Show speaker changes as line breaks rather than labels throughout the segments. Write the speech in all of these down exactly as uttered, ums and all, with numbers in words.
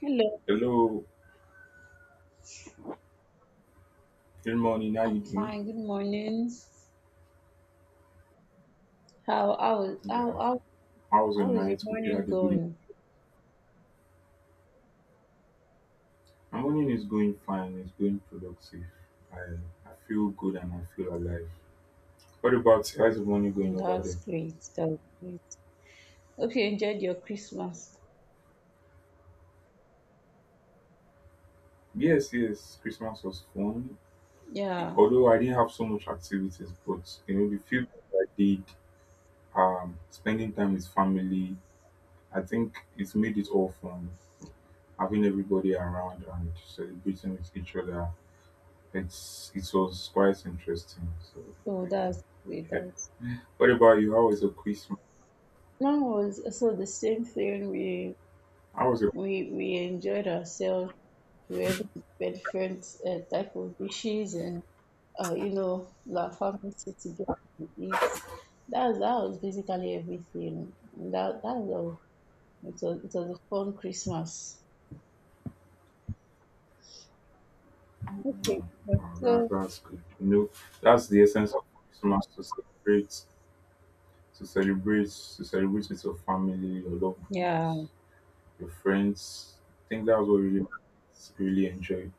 Hello,
Hello, good morning. How you
I'm
doing?
fine. Good morning. How how was-
Yeah.
how how
How was your
how is your
night? Hope you
morning
had a good night.
going?
My morning is going fine. It's going productive. I I feel good and I feel alive. What about you? How's the morning going
Mm,
over there?
That's great. That's great. Hope you enjoyed your Christmas.
Yes, yes. Christmas was fun.
Yeah.
Although I didn't have so much activities, but you know the few that I did, um, spending time with family, I think it's made it all fun. Having everybody around and celebrating with each other. It's it was quite interesting. So I,
So
I-
that's
yeah,
great.
okay.
That's
What about you? How was your Christmas?
mine was also the same thing. We
How was your?
we we enjoyed ourselves. We were able to prepare different uh, type of dishes and uh, you know, like family sit together and eat. That's that was basically everything. That that was it was it was a fun Christmas. Okay,
Mm,
but
Wow, that,
so
that's good. You know, that's the essence of Christmas to celebrate, to celebrate, to celebrate with your family, your loved ones,
yeah.
your friends. I think that's what really it's really enjoy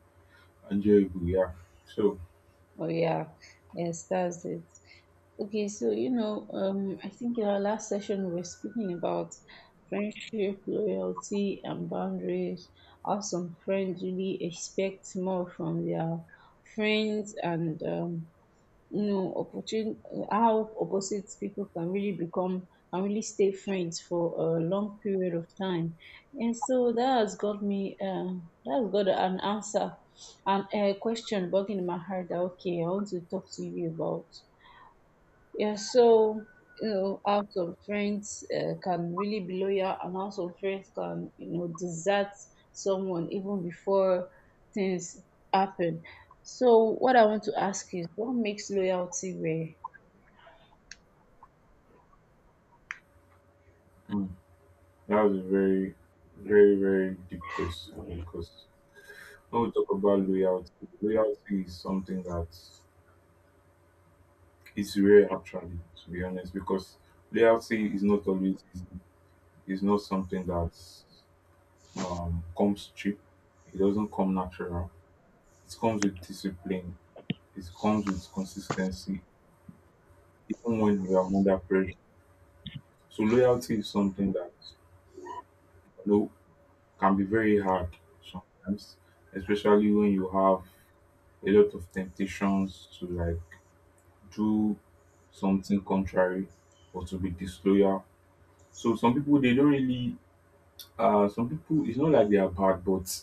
enjoyable. Yeah. So
Oh yeah. Yes, that's it. Okay, so you know, um, I think in our last session we were speaking about friendship, loyalty, and boundaries. How some friends really expect more from their friends, and um, you know opportun uh, how opposite people can really become can really stay friends for a long period of time, and so that has got me um that has got an answer and a question bugging in my heart that okay, I want to talk to you about. Yeah, so you know, how some friends uh, can really be loyal, and how some friends can you know desert someone even before things happen. So what I want to ask is, what makes loyalty rare?
mm, that was a very, very, very deep question. Because when we talk about loyalty, loyalty is something that, it's rare actually, to be honest, because loyalty is not always easy. It's not something that um, comes cheap. It doesn't come natural. It comes with discipline. It comes with consistency, even when we are under pressure. So loyalty is something that, you know, can be very hard sometimes, especially when you have a lot of temptations to like do something contrary or to be disloyal. So some people they don't really, uh, some people it's not like they are bad, but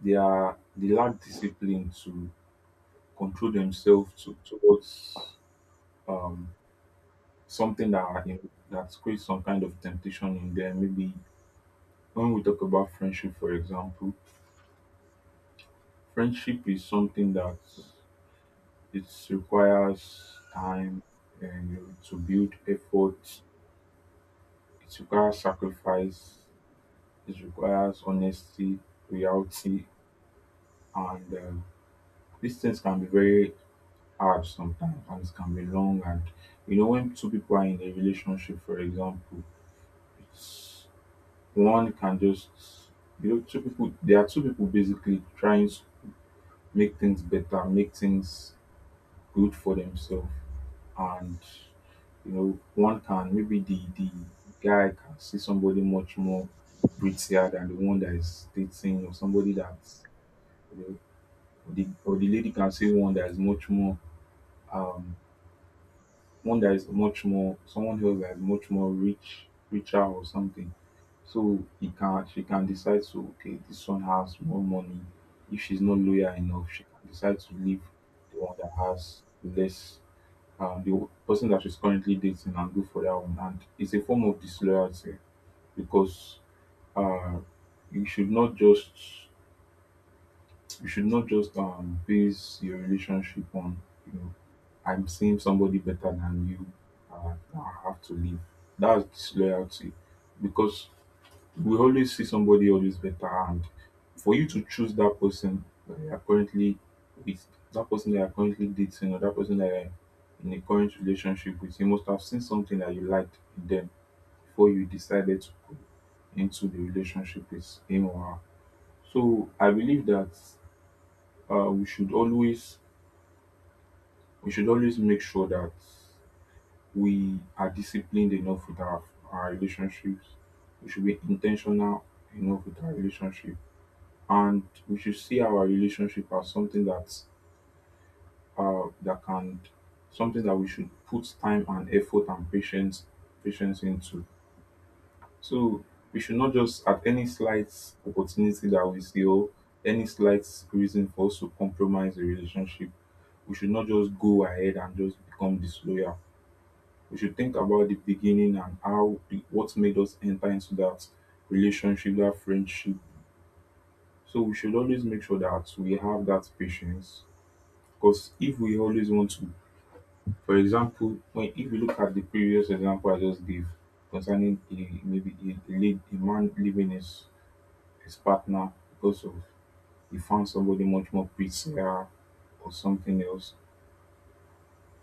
they are they lack discipline to control themselves to towards um something that, you know, that creates some kind of temptation in them. Maybe when we talk about friendship, for example, friendship is something that it requires time and, you know, to build effort. It requires sacrifice. It requires honesty, reality, and um, these things can be very hard sometimes and it can be long. And you know, when two people are in a relationship, for example, it's one can just, you know, two people, there are two people basically trying to make things better make things good for themselves. And you know, one can, maybe the the guy can see somebody much more prettier than the one that is dating, or somebody that's, you know, or the, or the lady can see one that is much more, um, one that is much more, someone else that is much more rich richer or something. So he can she can decide to, okay, this one has more money, if she's not loyal enough she can decide to leave the one that has less, um, the person that she's currently dating, and go for that one. And it's a form of disloyalty because, uh you should not just, you should not just um base your relationship on, you know, I'm seeing somebody better than you. Uh, I have to leave. That's disloyalty, because we always see somebody always better. And for you to choose that person that you are currently with, that person that you are currently dating, or that person that you are in a current relationship with, you must have seen something that you liked in them before you decided to go into the relationship with him or her. So I believe that, uh, we should always we should always make sure that we are disciplined enough with our, our relationships. We should be intentional enough with our relationship, and we should see our relationship as something that, uh, that can something that we should put time and effort and patience patience into. So we should not just, at any slight opportunity that we see, or any slight reason for us to compromise the relationship, we should not just go ahead and just become disloyal. We should think about the beginning and how the, what made us enter into that relationship, that friendship. So we should always make sure that we have that patience. Because if we always want to, for example, when if we look at the previous example I just gave concerning a, maybe a, a, lead, a man leaving his, his partner because of, he found somebody much more prettier or something else.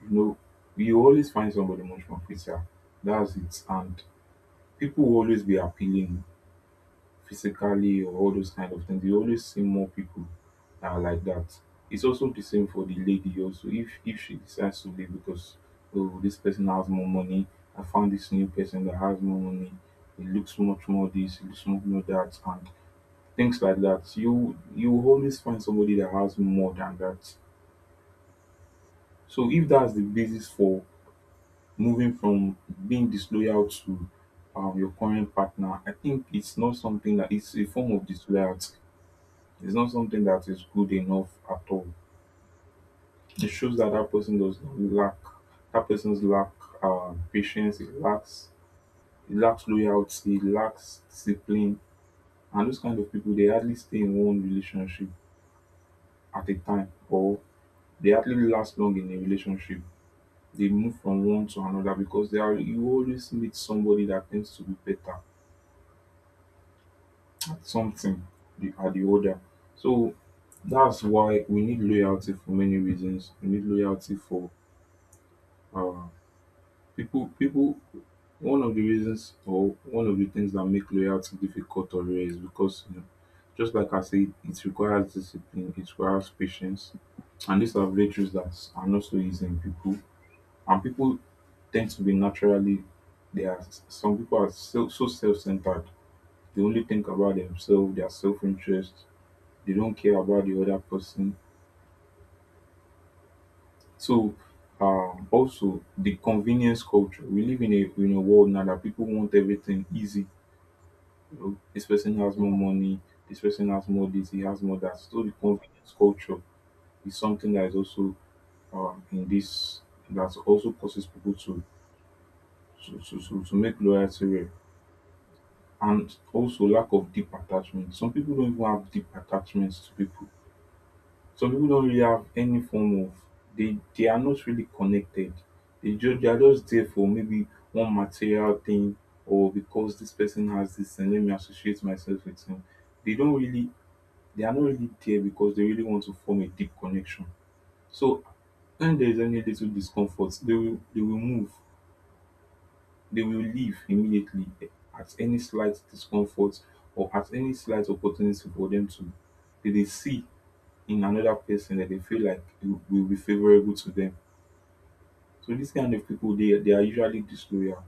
You know, you always find somebody much more fitter. That's it. And people will always be appealing physically, or all those kind of things. You always see more people that are like that. It's also the same for the lady also. If if she decides to leave because, oh, this person has more money, I found this new person that has more money. It looks much more this, it looks much more that, and things like that. You you will always find somebody that has more than that. So if that's the basis for moving from being disloyal to, um, your current partner, I think it's not something that, it's a form of disloyalty. It's not something that is good enough at all. It shows that that person does not lack that person's lack, um, patience. It lacks it lacks loyalty. It lacks discipline. And those kind of people, they hardly stay in one relationship at a time, or they hardly last long in a relationship. They move from one to another because they are you always meet somebody that tends to be better, something the are the order, so that's why we need loyalty for many reasons. We need loyalty for, uh, people. people. One of the reasons or one of the things that make loyalty difficult or rare is because, you know, just like I said, it requires discipline. It requires patience, and these are virtues that are not so easy in people. And people tend to be naturally, they are some people are so, so self-centered, they only think about themselves, their self-interest, they don't care about the other person. So um, also the convenience culture. We live in a in a world now that people want everything easy. You know, this person has more
Yeah.
money, this person has more this, he has more that. So the convenience culture is something that is also, um, in this that also causes people to, to, to, to, to make loyalty rare. And also lack of deep attachment. Some people don't even have deep attachments to people, some people don't really have any form of, they they are not really connected. They just they are just there for maybe one material thing, or because this person has this and let me associate myself with him. They don't really, they are not really there because they really want to form a deep connection. So when there is any little discomfort, they will they will move. They will leave immediately at any slight discomfort, or at any slight opportunity for them to, they dey see in another person that they feel like you will be favorable to them. So dis kind of people, they they are usually disloyal.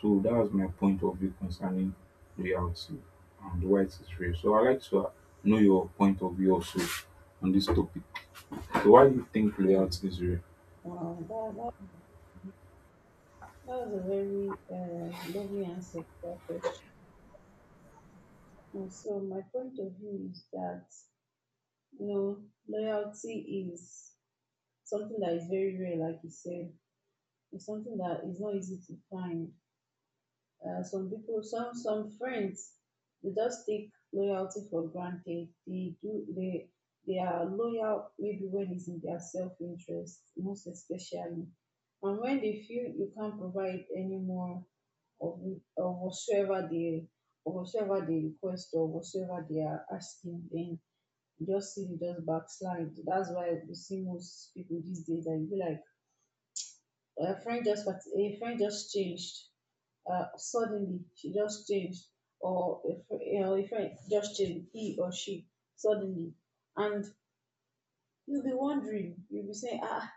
So that was my point of view concerning loyalty and why it is real. So I like to know your point of view also on this topic. So why do you think
Mm.
loyalty is real?
Wow, that, that, that was a very uh, lovely answer to that question. And so my point of view is that you know loyalty is something that is very rare, like you said. It's something that is not easy to find. Uh, some people, some some friends, they just take loyalty for granted. They do they they are loyal maybe when it's in their self interest, most especially, and when they feel you can't provide any more of of whatsoever they of whatsoever they request or whatsoever they are asking, then you just see they just backslide. That's why we see most people these days that you be like a friend just part- a friend just changed uh, suddenly, she just changed, or if you know, if I just changed he or she suddenly, and you'll be wondering, you'll be saying, ah,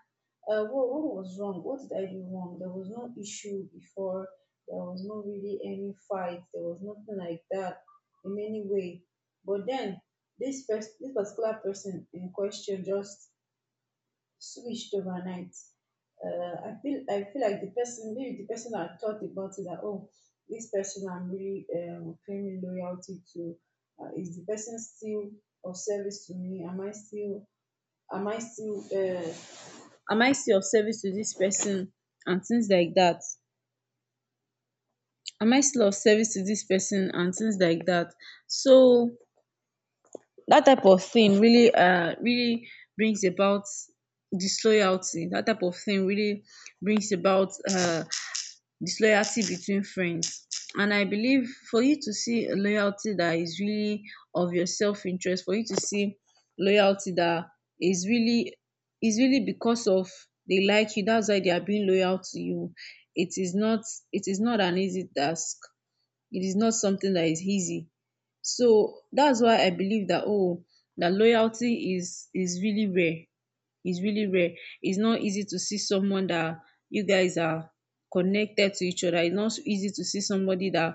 uh, what, what was wrong? What did I do wrong? There was no issue before. There was no really any fight. There was nothing like that in any way. But then this pers- this particular person in question just switched overnight. Uh, I feel I feel like the person maybe the person I thought about it that oh, this person I'm really um, claiming loyalty to, uh, is the person still of service to me? Am I still am I still uh, am I still of service to this person and things like that? Am I still of service to this person and things like that? So that type of thing really uh really brings about disloyalty. That type of thing really brings about uh disloyalty between friends. And I believe for you to see a loyalty that is really of your self-interest, for you to see loyalty that is really is really because of they, they are being loyal to you, it is not it is not an easy task. It is not something that is easy. So that's why I believe that oh, that loyalty is is really rare. It's really rare. It's not easy to see someone that you guys are connected to each other. It's not easy to see somebody that.